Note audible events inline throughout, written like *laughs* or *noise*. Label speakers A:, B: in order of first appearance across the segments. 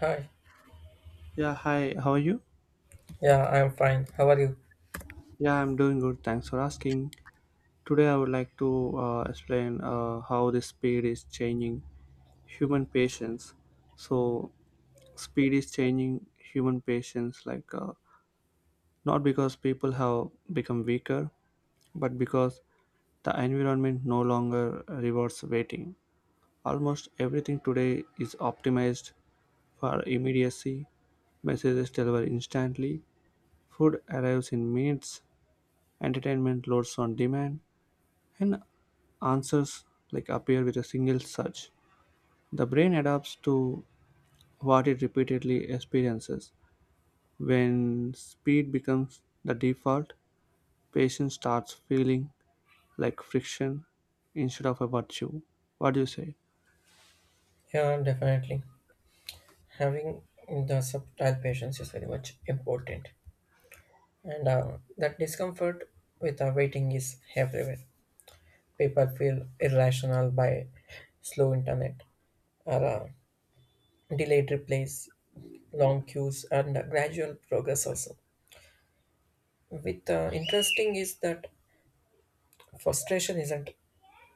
A: Hi,
B: Yeah, hi, how are you?
A: yeah, I'm fine. How are you?
B: Yeah, I'm doing good. Thanks for asking. Today, I would like to explain how the speed is changing human patience. So, speed is changing human patience, like not because people have become weaker, but because the environment no longer rewards waiting. Almost everything today is optimized for immediacy. Messages delivered instantly, food arrives in minutes, entertainment loads on demand, and answers like appear with a single search. The brain adapts to what it repeatedly experiences. When speed becomes the default, patience starts feeling like friction instead of a virtue. What do you say?
A: Yeah, definitely. Having the subtle patience is very much important, and that discomfort with waiting is everywhere. People feel irrational by slow internet or delayed replies, long queues, and gradual progress also. With interesting is that frustration isn't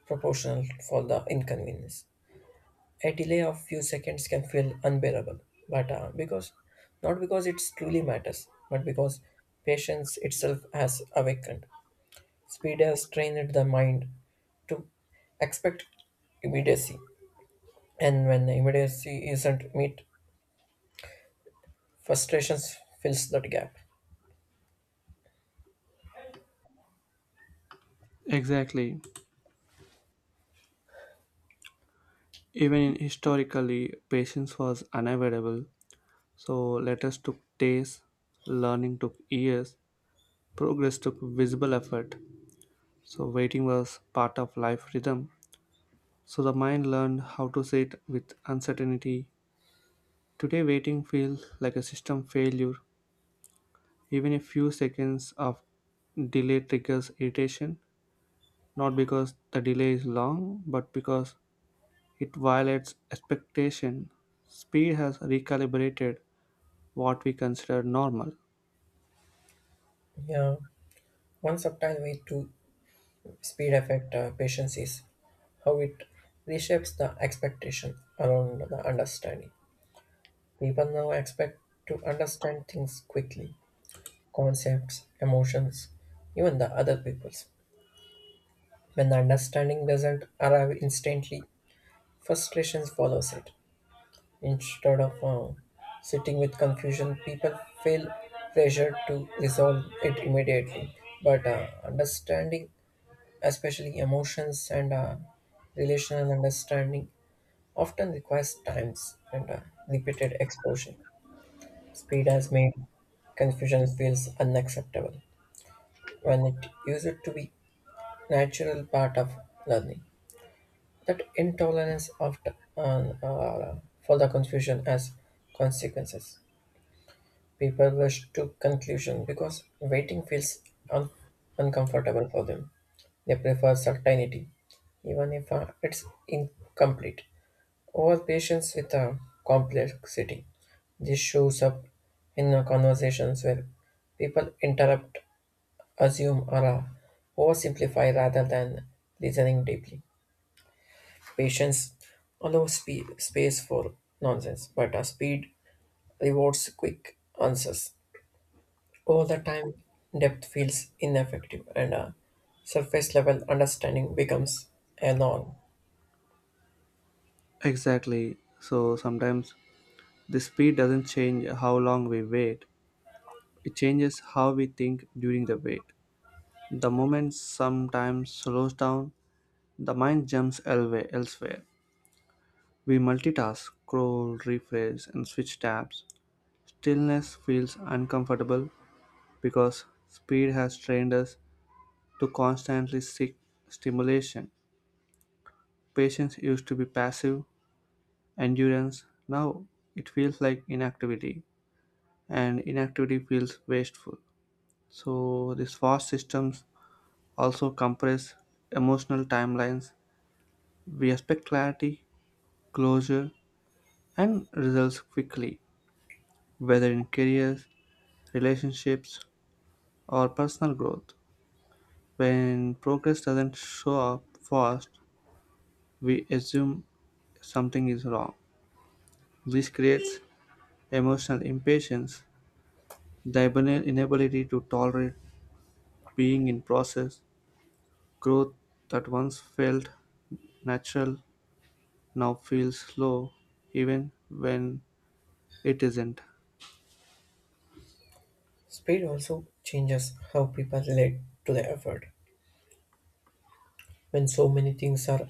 A: proportional for the inconvenience, a delay of few seconds can feel unbearable but because, not because it truly matters but because patience itself has awakened. Speed has trained the mind to expect immediacy, and when immediacy isn't met, frustrations fills that gap.
B: Exactly. Even in historically, patience was unavoidable. So letters took days, learning took years, progress took visible effort. So waiting was part of life rhythm. So the mind learned how to sit with uncertainty. Today waiting feels like a system failure. Even a few seconds of delay triggers irritation, not because the delay is long, but because it violates expectation. Speed has recalibrated what we consider normal.
A: Yeah, one subtle way to speed affect patience is how it reshapes the expectation around the understanding. People now expect to understand things quickly, concepts, emotions, even the other people's. When the understanding doesn't arrive instantly, frustration follows it. Instead of sitting with confusion, people feel pressure to resolve it immediately. But understanding, especially emotions and relational understanding, often requires times and repeated exposure. Speed has made confusion feels unacceptable when it used to be natural part of learning. That intolerance uh, uh, for the confusion as consequences. People rush to conclusion because waiting feels un- uncomfortable for them. They prefer certainty, even if it's incomplete, over patience with complexity. This shows up in conversations where people interrupt, assume, or oversimplify rather than listening deeply. Patience allows space for nonsense, but a speed rewards quick answers. Over the time, depth feels ineffective and a surface level understanding becomes a norm.
B: Exactly. So sometimes the speed doesn't change how long we wait. It changes how we think during the wait. The moment sometimes slows down, the mind jumps elsewhere. We multitask, scroll, refresh, and switch tabs. Stillness feels uncomfortable because speed has trained us to constantly seek stimulation. Patience used to be passive, endurance now it feels like inactivity, and inactivity feels wasteful. So, these fast systems also compress emotional timelines. We expect clarity, closure, and results quickly, whether in careers, relationships, or personal growth. When progress doesn't show up fast, we assume something is wrong. This creates emotional impatience, the inability to tolerate being in process, growth that once felt natural now feels slow even when it isn't.
A: Speed also changes how people relate to the effort. When so many things are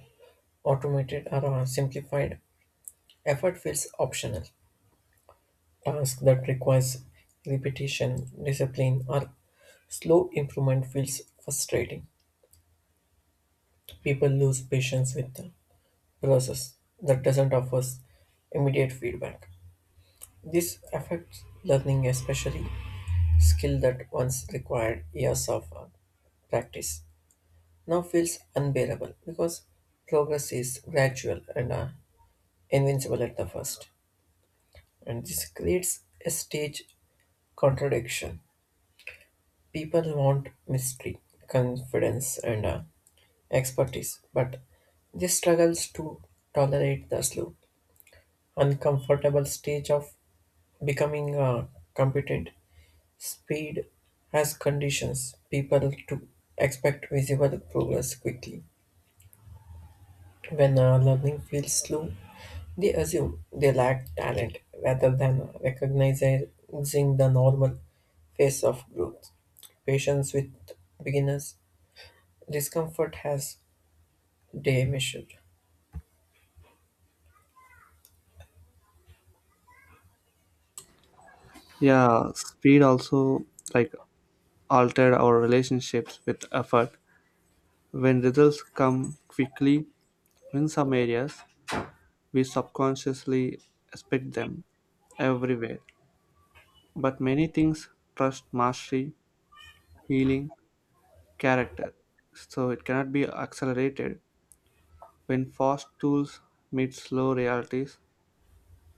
A: automated or are simplified, effort feels optional. Tasks that requires repetition, discipline, or slow improvement feels frustrating. People lose patience with the process that doesn't offer immediate feedback. This affects learning, especially skill that once required years of practice. Now feels unbearable because progress is gradual and invincible at the first, and this creates a stage contradiction. People want mystery, confidence, and expertise, but they struggles to tolerate the slow, uncomfortable stage of becoming competent. Speed has conditions people to expect visible progress quickly. When learning feels slow, they assume they lack talent rather than recognizing the normal phase of growth. Patience with beginners, discomfort has day measured.
B: Yeah, speed also like altered our relationships with effort. When results come quickly in some areas, we subconsciously expect them everywhere. But many things trust mastery, healing, character, so it cannot be accelerated. When fast tools meet slow realities,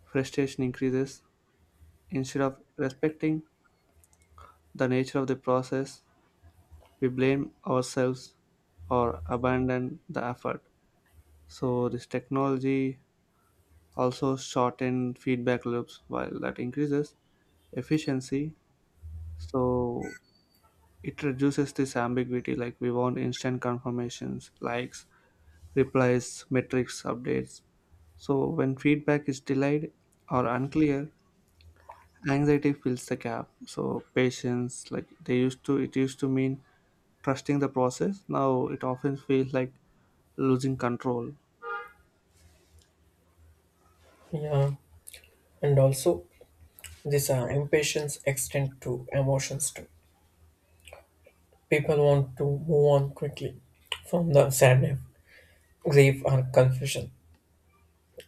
B: frustration increases. Instead of respecting the nature of the process, we blame ourselves or abandon the effort. So, this technology also shorten feedback loops while that increases efficiency, so it reduces this ambiguity, like we want instant confirmations, likes, replies, metrics, updates. So when feedback is delayed or unclear, anxiety fills the gap. So patience, like they used to, it used to mean trusting the process. Now it often feels like losing control.
A: Yeah, and also this impatience extend to emotions too. People want to move on quickly from the sadness, grief, or confusion.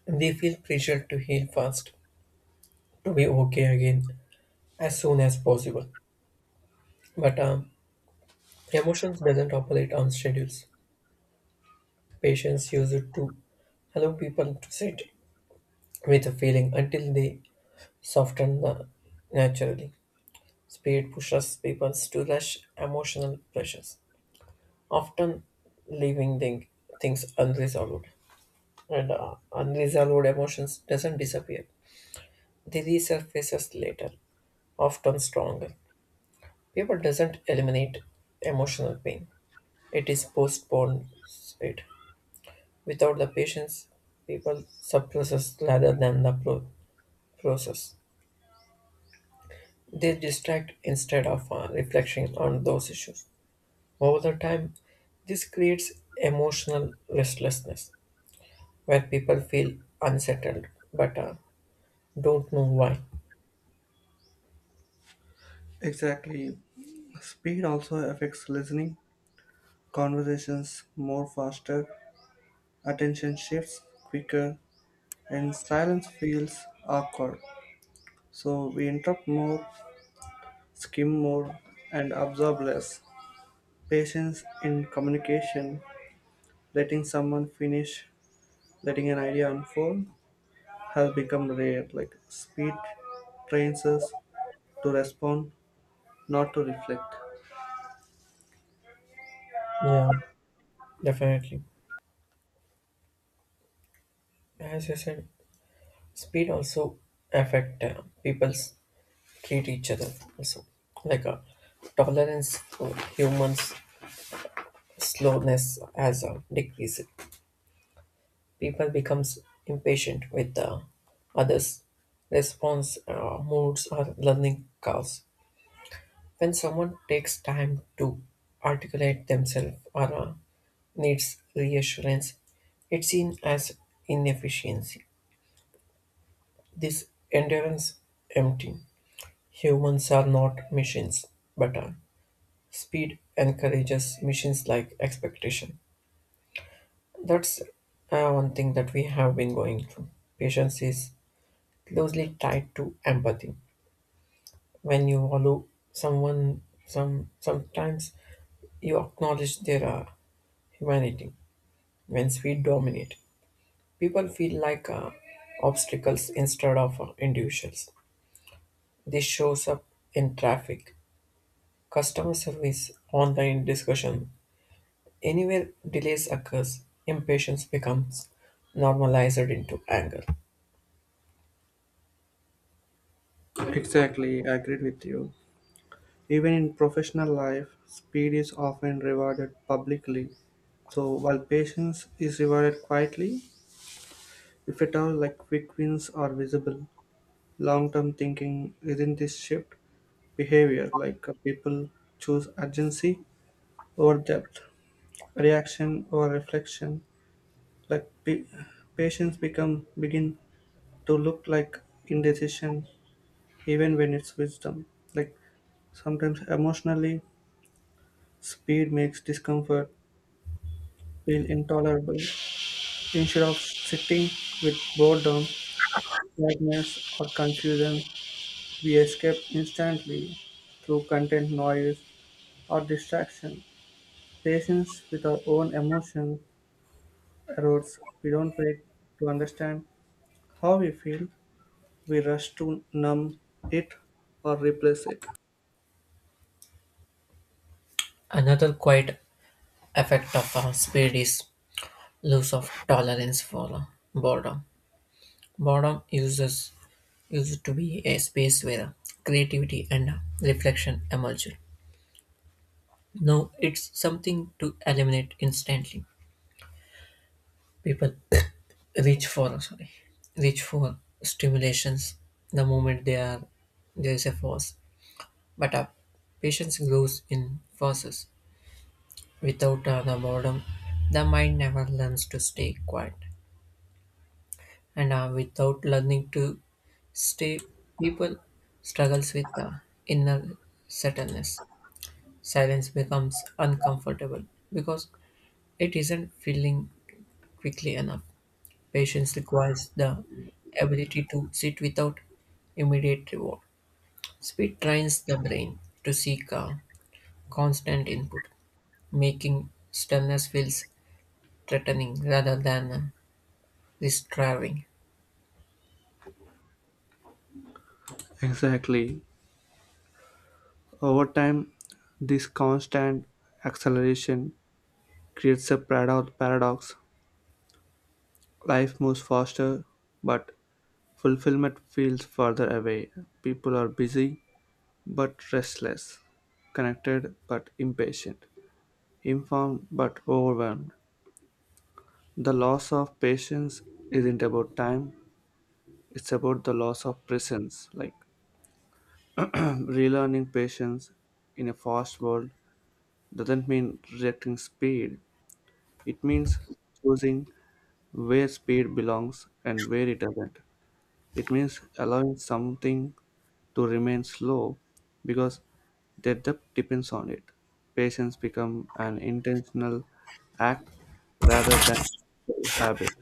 A: They feel pressure to heal fast, to be okay again as soon as possible. But emotions doesn't operate on schedules. Patients use it to allow people to sit with a feeling until they soften the naturally. Speed pushes people to rush emotional pressures, often leaving things unresolved. And unresolved emotions doesn't disappear. They resurfaces later, often stronger. People doesn't eliminate emotional pain. It is postponed it. Without the patience, people suppresses rather than process. They distract instead of reflecting on those issues. Over the time, this creates emotional restlessness where people feel unsettled but don't know why.
B: Exactly, speed also affects listening. Conversations more faster, attention shifts quicker, and silence feels awkward. So we interrupt more, skim more, and absorb less. Patience in communication, letting someone finish, letting an idea unfold, has become rare. Like speed trains us to respond, not to reflect.
A: Yeah, definitely. As you said, speed also affect people's treat each other also, like a tolerance for humans slowness has decreased. People becomes impatient with others' response, moods or learning curves. When someone takes time to articulate themselves or needs reassurance, it's seen as inefficiency. This endurance empty. Humans are not machines, but speed encourages machines like expectation. That's one thing that we have been going through. Patience is closely tied to empathy. When you follow someone, sometimes you acknowledge their humanity. When speed dominate, people feel like obstacles instead of individuals. This shows up in traffic, customer service, online discussion, anywhere delays occurs, impatience becomes normalized into anger.
B: Exactly, I agreed with you. Even in professional life, speed is often rewarded publicly. So while patience is rewarded quietly, if at all, like quick wins are visible, long term thinking isn't. This shift behavior, like people choose urgency over depth, reaction over reflection, like patience become begin to look like indecision even when it's wisdom. Like sometimes emotionally speed makes discomfort feel intolerable. Instead of sitting with boredom, sadness or confusion, we escape instantly through content, noise, or distraction. Patience with our own emotion erodes. We don't wait to understand how we feel. We rush to numb it or replace it.
A: Another quiet effect of speed is loss of tolerance for boredom. Boredom uses used to be a space where creativity and reflection emerge. Now it's something to eliminate instantly. People *coughs* reach for, sorry, reach for stimulations the moment they are, there is a force, but patience grows in forces. Without the boredom, the mind never learns to stay quiet, and without learning to stay, people struggles with the inner sadness. Silence becomes uncomfortable because it isn't feeling quickly enough. Patience requires the ability to sit without immediate reward. Speed trains the brain to seek a constant input, making stillness feels threatening rather than restraining.
B: Exactly. Over time, this constant acceleration creates a paradox. Life moves faster, but fulfillment feels further away. People are busy, but restless, connected but impatient, informed but overwhelmed. The loss of patience isn't about time, it's about the loss of presence. Like *clears throat* relearning patience in a fast world doesn't mean rejecting speed, it means choosing where speed belongs and where it doesn't. It means allowing something to remain slow because their depth depends on it. Patience becomes an intentional act rather than a habit.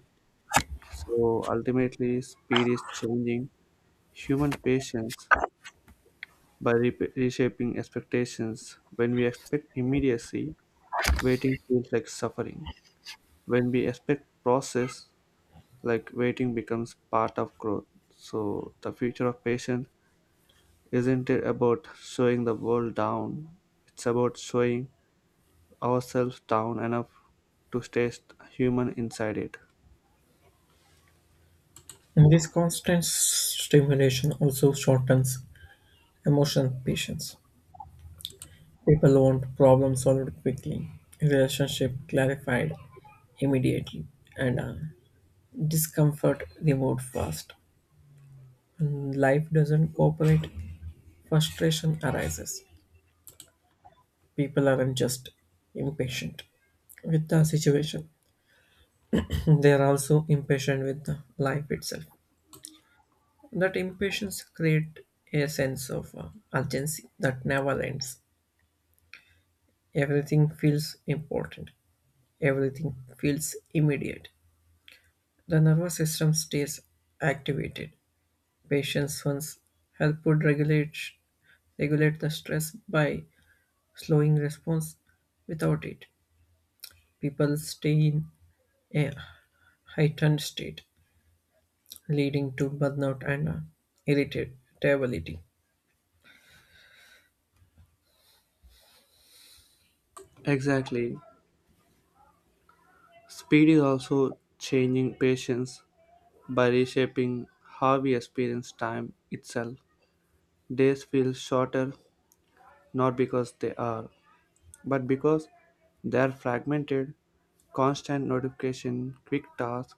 B: So ultimately, speed is changing human patience by reshaping expectations. When we expect immediacy, waiting feels like suffering. When we expect process, like waiting becomes part of growth. So the future of patience isn't it about showing the world down? It's about showing ourselves down enough to stay human inside it.
A: And this constant stimulation also shortens emotional patience. People want problems solved quickly, relationship clarified immediately, and discomfort removed fast. When life doesn't cooperate, frustration arises. People aren't just impatient with the situation. *laughs* They are also impatient with the life itself. That impatience creates a sense of urgency that never ends. Everything feels important, everything feels immediate. The nervous system stays activated. Patients once help would regulate the stress by slowing response without it. People stay in a heightened state, leading to burnout and irritability.
B: Exactly. Speed is also changing patience by reshaping how we experience time itself. Days feel shorter not because they are, but because they are fragmented. Constant notification, quick tasks,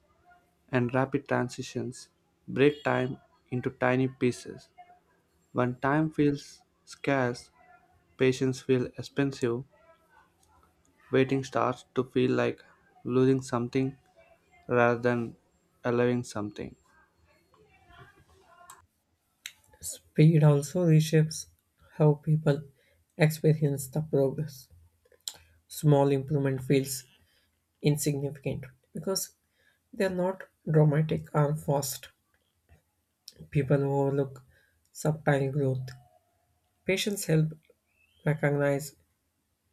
B: and rapid transitions break time into tiny pieces. When time feels scarce, patience feels expensive. Waiting starts to feel like losing something rather than allowing something.
A: Speed also reshapes how people experience the progress. Small improvement feels insignificant because they're not dramatic and fast. People overlook subtle growth. Patients help recognize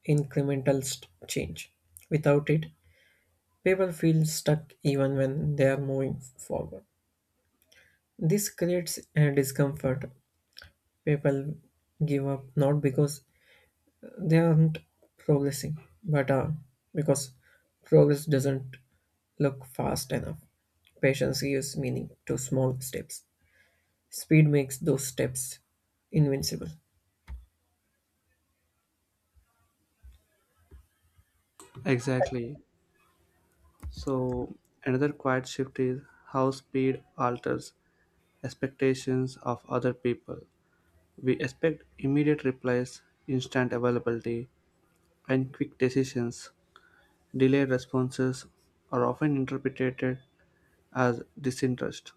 A: incremental change. Without it, people feel stuck even when they are moving forward. This creates a discomfort. People give up not because they aren't progressing, but because progress doesn't look fast enough. Patience gives meaning to small steps. Speed makes those steps invincible.
B: Exactly. So, another quiet shift is how speed alters expectations of other people. We expect immediate replies, instant availability, and quick decisions. Delayed responses are often interpreted as disinterest,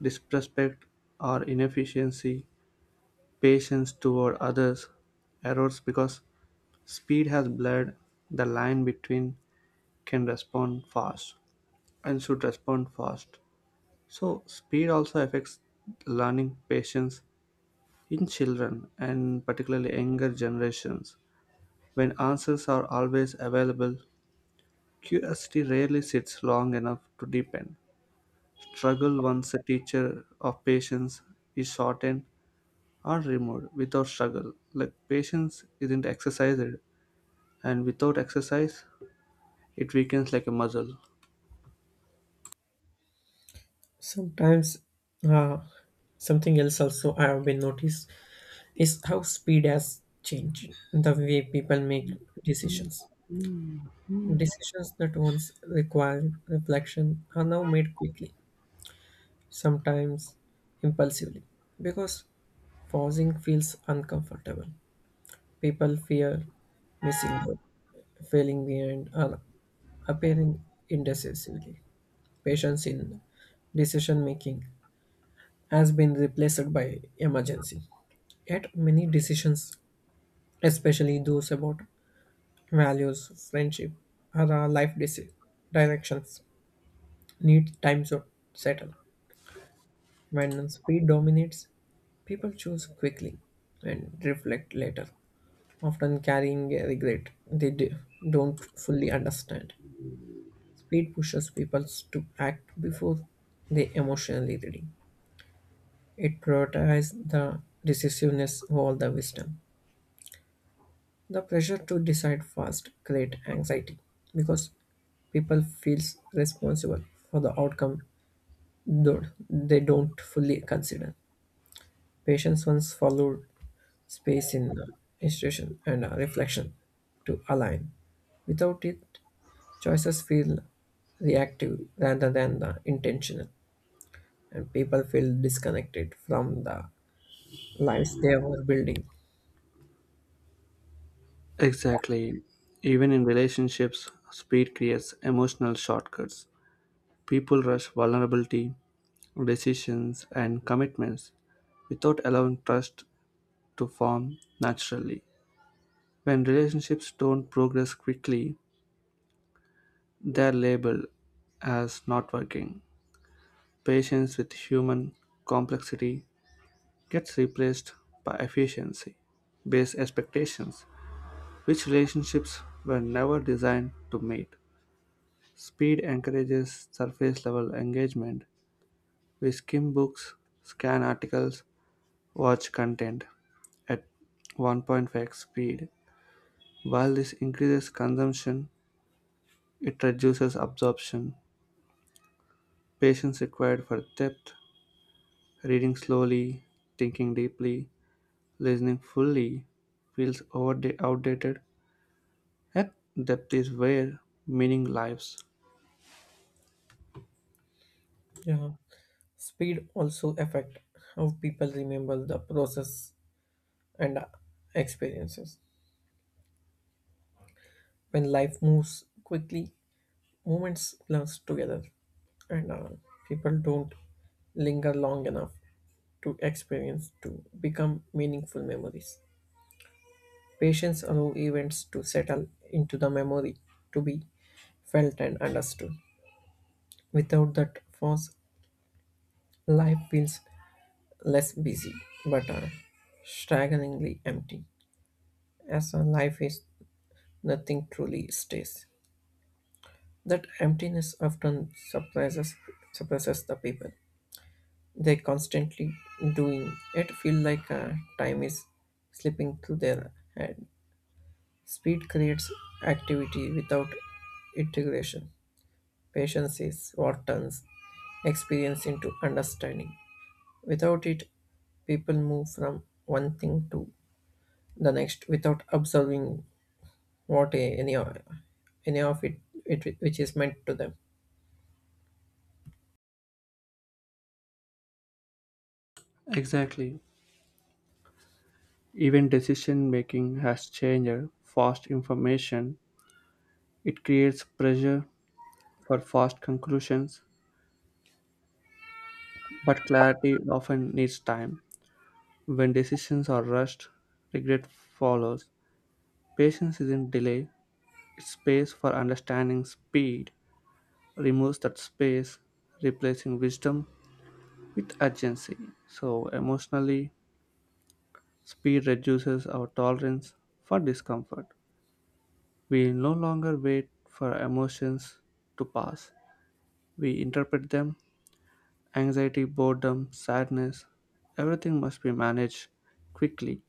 B: disrespect, or inefficiency. Patience toward others erodes because speed has blurred the line between can respond fast and should respond fast. So speed also affects learning patience in children and particularly younger generations. When answers are always available, curiosity rarely sits long enough to deepen. Struggle, once a teacher of patience, is shortened or removed. Without struggle, like, patience isn't exercised, and without exercise, it weakens like a muscle.
A: Sometimes, uh, something else also I have been noticed is how speed has changed the way people make decisions. Decisions that once required reflection are now made quickly, sometimes impulsively, because pausing feels uncomfortable. People fear missing out, failing behind, or appearing indecisively. Patience in decision making has been replaced by emergency. Yet, many decisions, especially those about values, friendship, or life directions, need time to settle. When speed dominates, people choose quickly and reflect later, often carrying a regret they don't fully understand. Speed pushes people to act before they emotionally ready. It prioritizes the decisiveness over the wisdom. The pressure to decide fast creates anxiety because people feels responsible for the outcome though they don't fully consider. Patients once followed space in the institution and reflection to align. Without it, choices feel reactive rather than the intentional, and people feel disconnected from the lives they were building.
B: Exactly. Even in relationships, speed creates emotional shortcuts. People rush vulnerability, decisions, and commitments without allowing trust to form naturally. When relationships don't progress quickly, they're labeled as not working. Patience with human complexity gets replaced by efficiency based expectations, which relationships were never designed to mate. Speed encourages surface level engagement. We skim books, scan articles, watch content at 1.5 speed. While this increases consumption, it reduces absorption. Patience required for depth, reading slowly, thinking deeply, listening fully feels outdated. At depth is where meaning lives.
A: Yeah, speed also affect how people remember the process and experiences. When life moves quickly, moments blurs together, and people don't linger long enough to experience to become meaningful memories. Patience allow events to settle into the memory to be felt and understood. Without that force, life feels less busy but staggeringly empty. As a life is, nothing truly stays. That emptiness often surprises suppresses the people. They constantly doing it feel like time is slipping through their hand. Speed creates activity without integration. Patience is what turns experience into understanding. Without it, people move from one thing to the next without observing what any of it, it which is meant to them.
B: Exactly. Even decision-making has changed. Fast information, it creates pressure for fast conclusions, but clarity often needs time. When decisions are rushed, regret follows. Patience isn't delay, it's space for understanding. Speed removes that space, replacing wisdom with urgency. So, emotionally, speed reduces our tolerance for discomfort. We no longer wait for emotions to pass. We interpret them anxiety, boredom, sadness. Everything must be managed quickly.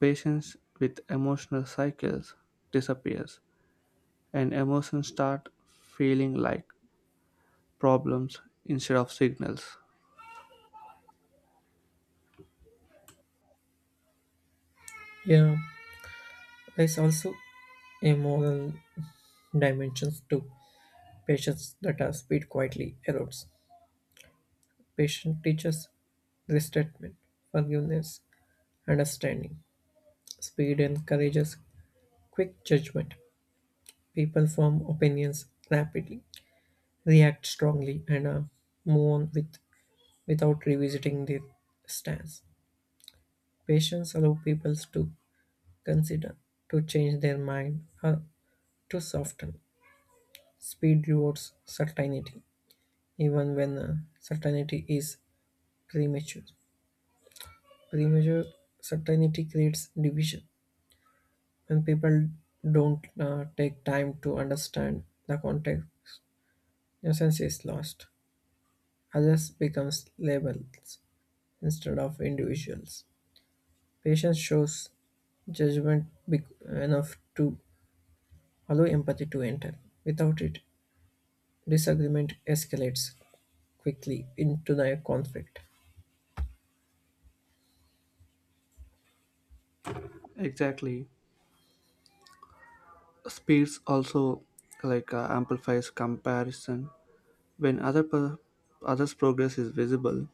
B: Patience with emotional cycles disappears, and emotions start feeling like problems instead of signals.
A: Yeah, there's also a moral dimensions to patience that our speed quietly erodes. Patience teaches resentment, forgiveness, understanding. Speed encourages quick judgment. People form opinions rapidly, react strongly, and move on with without revisiting their stance. Patience allows people to consider to change their mind or to soften. Speed rewards certainty, even when certainty is premature. Premature certainty creates division. When people don't take time to understand the context, innocence is lost. Others becomes labels instead of individuals. Patience shows judgment enough to allow empathy to enter. Without it, disagreement escalates quickly into the conflict.
B: Exactly. Speeds also like amplifies comparison when others' progress is visible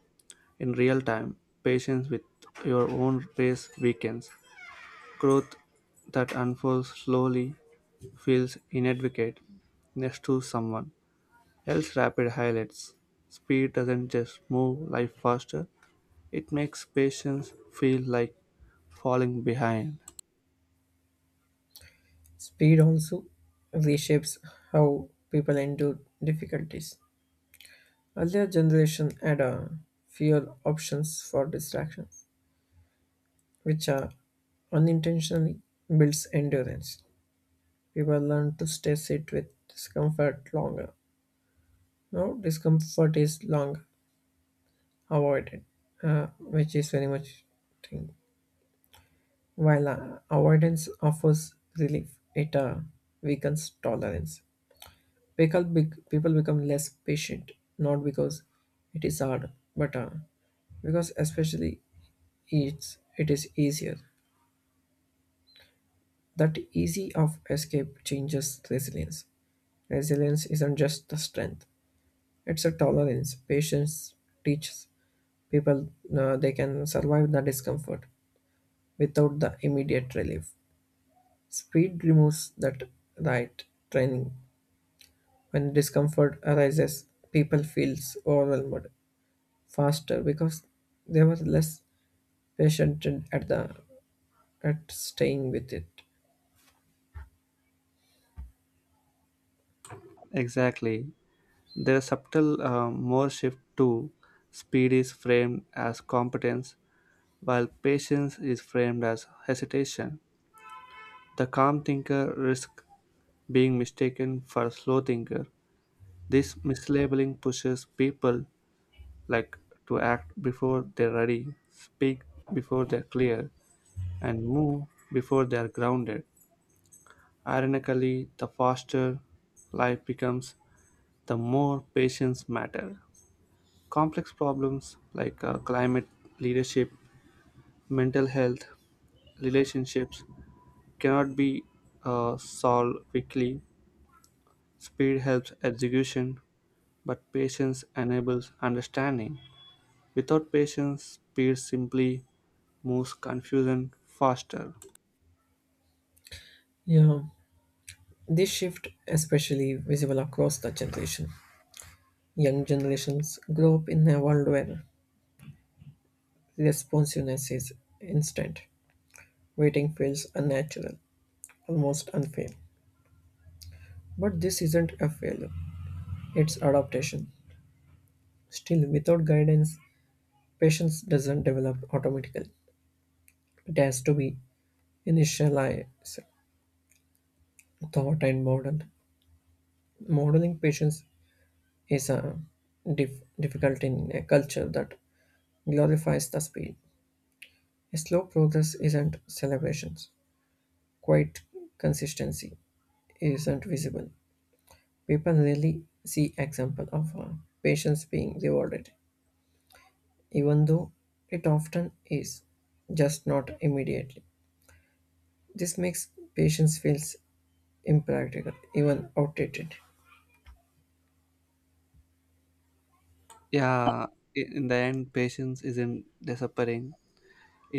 B: in real time. Patience with your own pace weakens. Growth that unfolds slowly feels inadequate next to someone else's rapid highlights. Speed doesn't just move life faster, it makes patience feel like falling behind.
A: Speed also reshapes how people endure difficulties. Earlier generation had fewer options for distractions, which are unintentionally builds endurance. People learn to stay sit with discomfort longer. Now discomfort is long avoided, which is very much thing. While avoidance offers relief, it weakens tolerance. People become less patient, not because it is hard, but because especially it is easier. That easy of escape changes resilience. Resilience isn't just the strength, it's a tolerance. Patience teaches people they can survive the discomfort without the immediate relief. Speed removes that right training. When discomfort arises, people feels overwhelmed faster because they were less patient and at the at staying with it.
B: Exactly. There's subtle more shift too. Speed is framed as competence, while patience is framed as hesitation. The calm thinker risks being mistaken for a slow thinker. This mislabeling pushes people, like, to act before they're ready, speak before they're clear, and move before they're grounded. Ironically, the faster life becomes, the more patience matter. Complex problems like climate, leadership, mental health, relationships cannot be solved quickly. Speed helps execution, but patience enables understanding. Without patience, speed simply moves confusion faster.
A: Yeah, this shift especially visible across the generation. Young generations grow up in a world where responsiveness is instant. Waiting feels unnatural, almost unfair. But this isn't a failure, it's adaptation. Still, without guidance, patience doesn't develop automatically. It has to be initialized, thought, and modeled. Modeling patience is difficult in a culture that glorifies the speed. Slow progress isn't celebrations. Quiet consistency isn't visible. People rarely see example of patience being rewarded, even though it often is, just not immediately. This makes patience feels impractical, even outdated.
B: Yeah, in the end, patience isn't disappearing.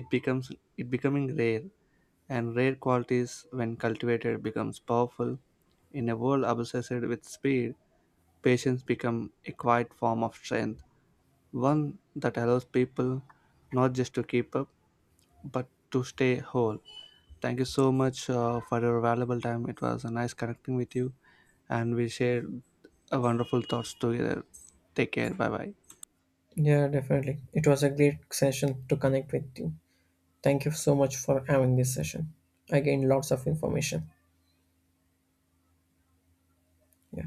B: It becomes, it becoming rare, and rare qualities, when cultivated, becomes powerful. In a world obsessed with speed, patience becomes a quiet form of strength, one that allows people not just to keep up but to stay whole. Thank you so much for your valuable time. It was a nice connecting with you, and we shared a wonderful thoughts together. Take care. Bye bye.
A: Yeah, definitely. It was a great session to connect with you. Thank you so much for having this session. I gained lots of information. Yeah.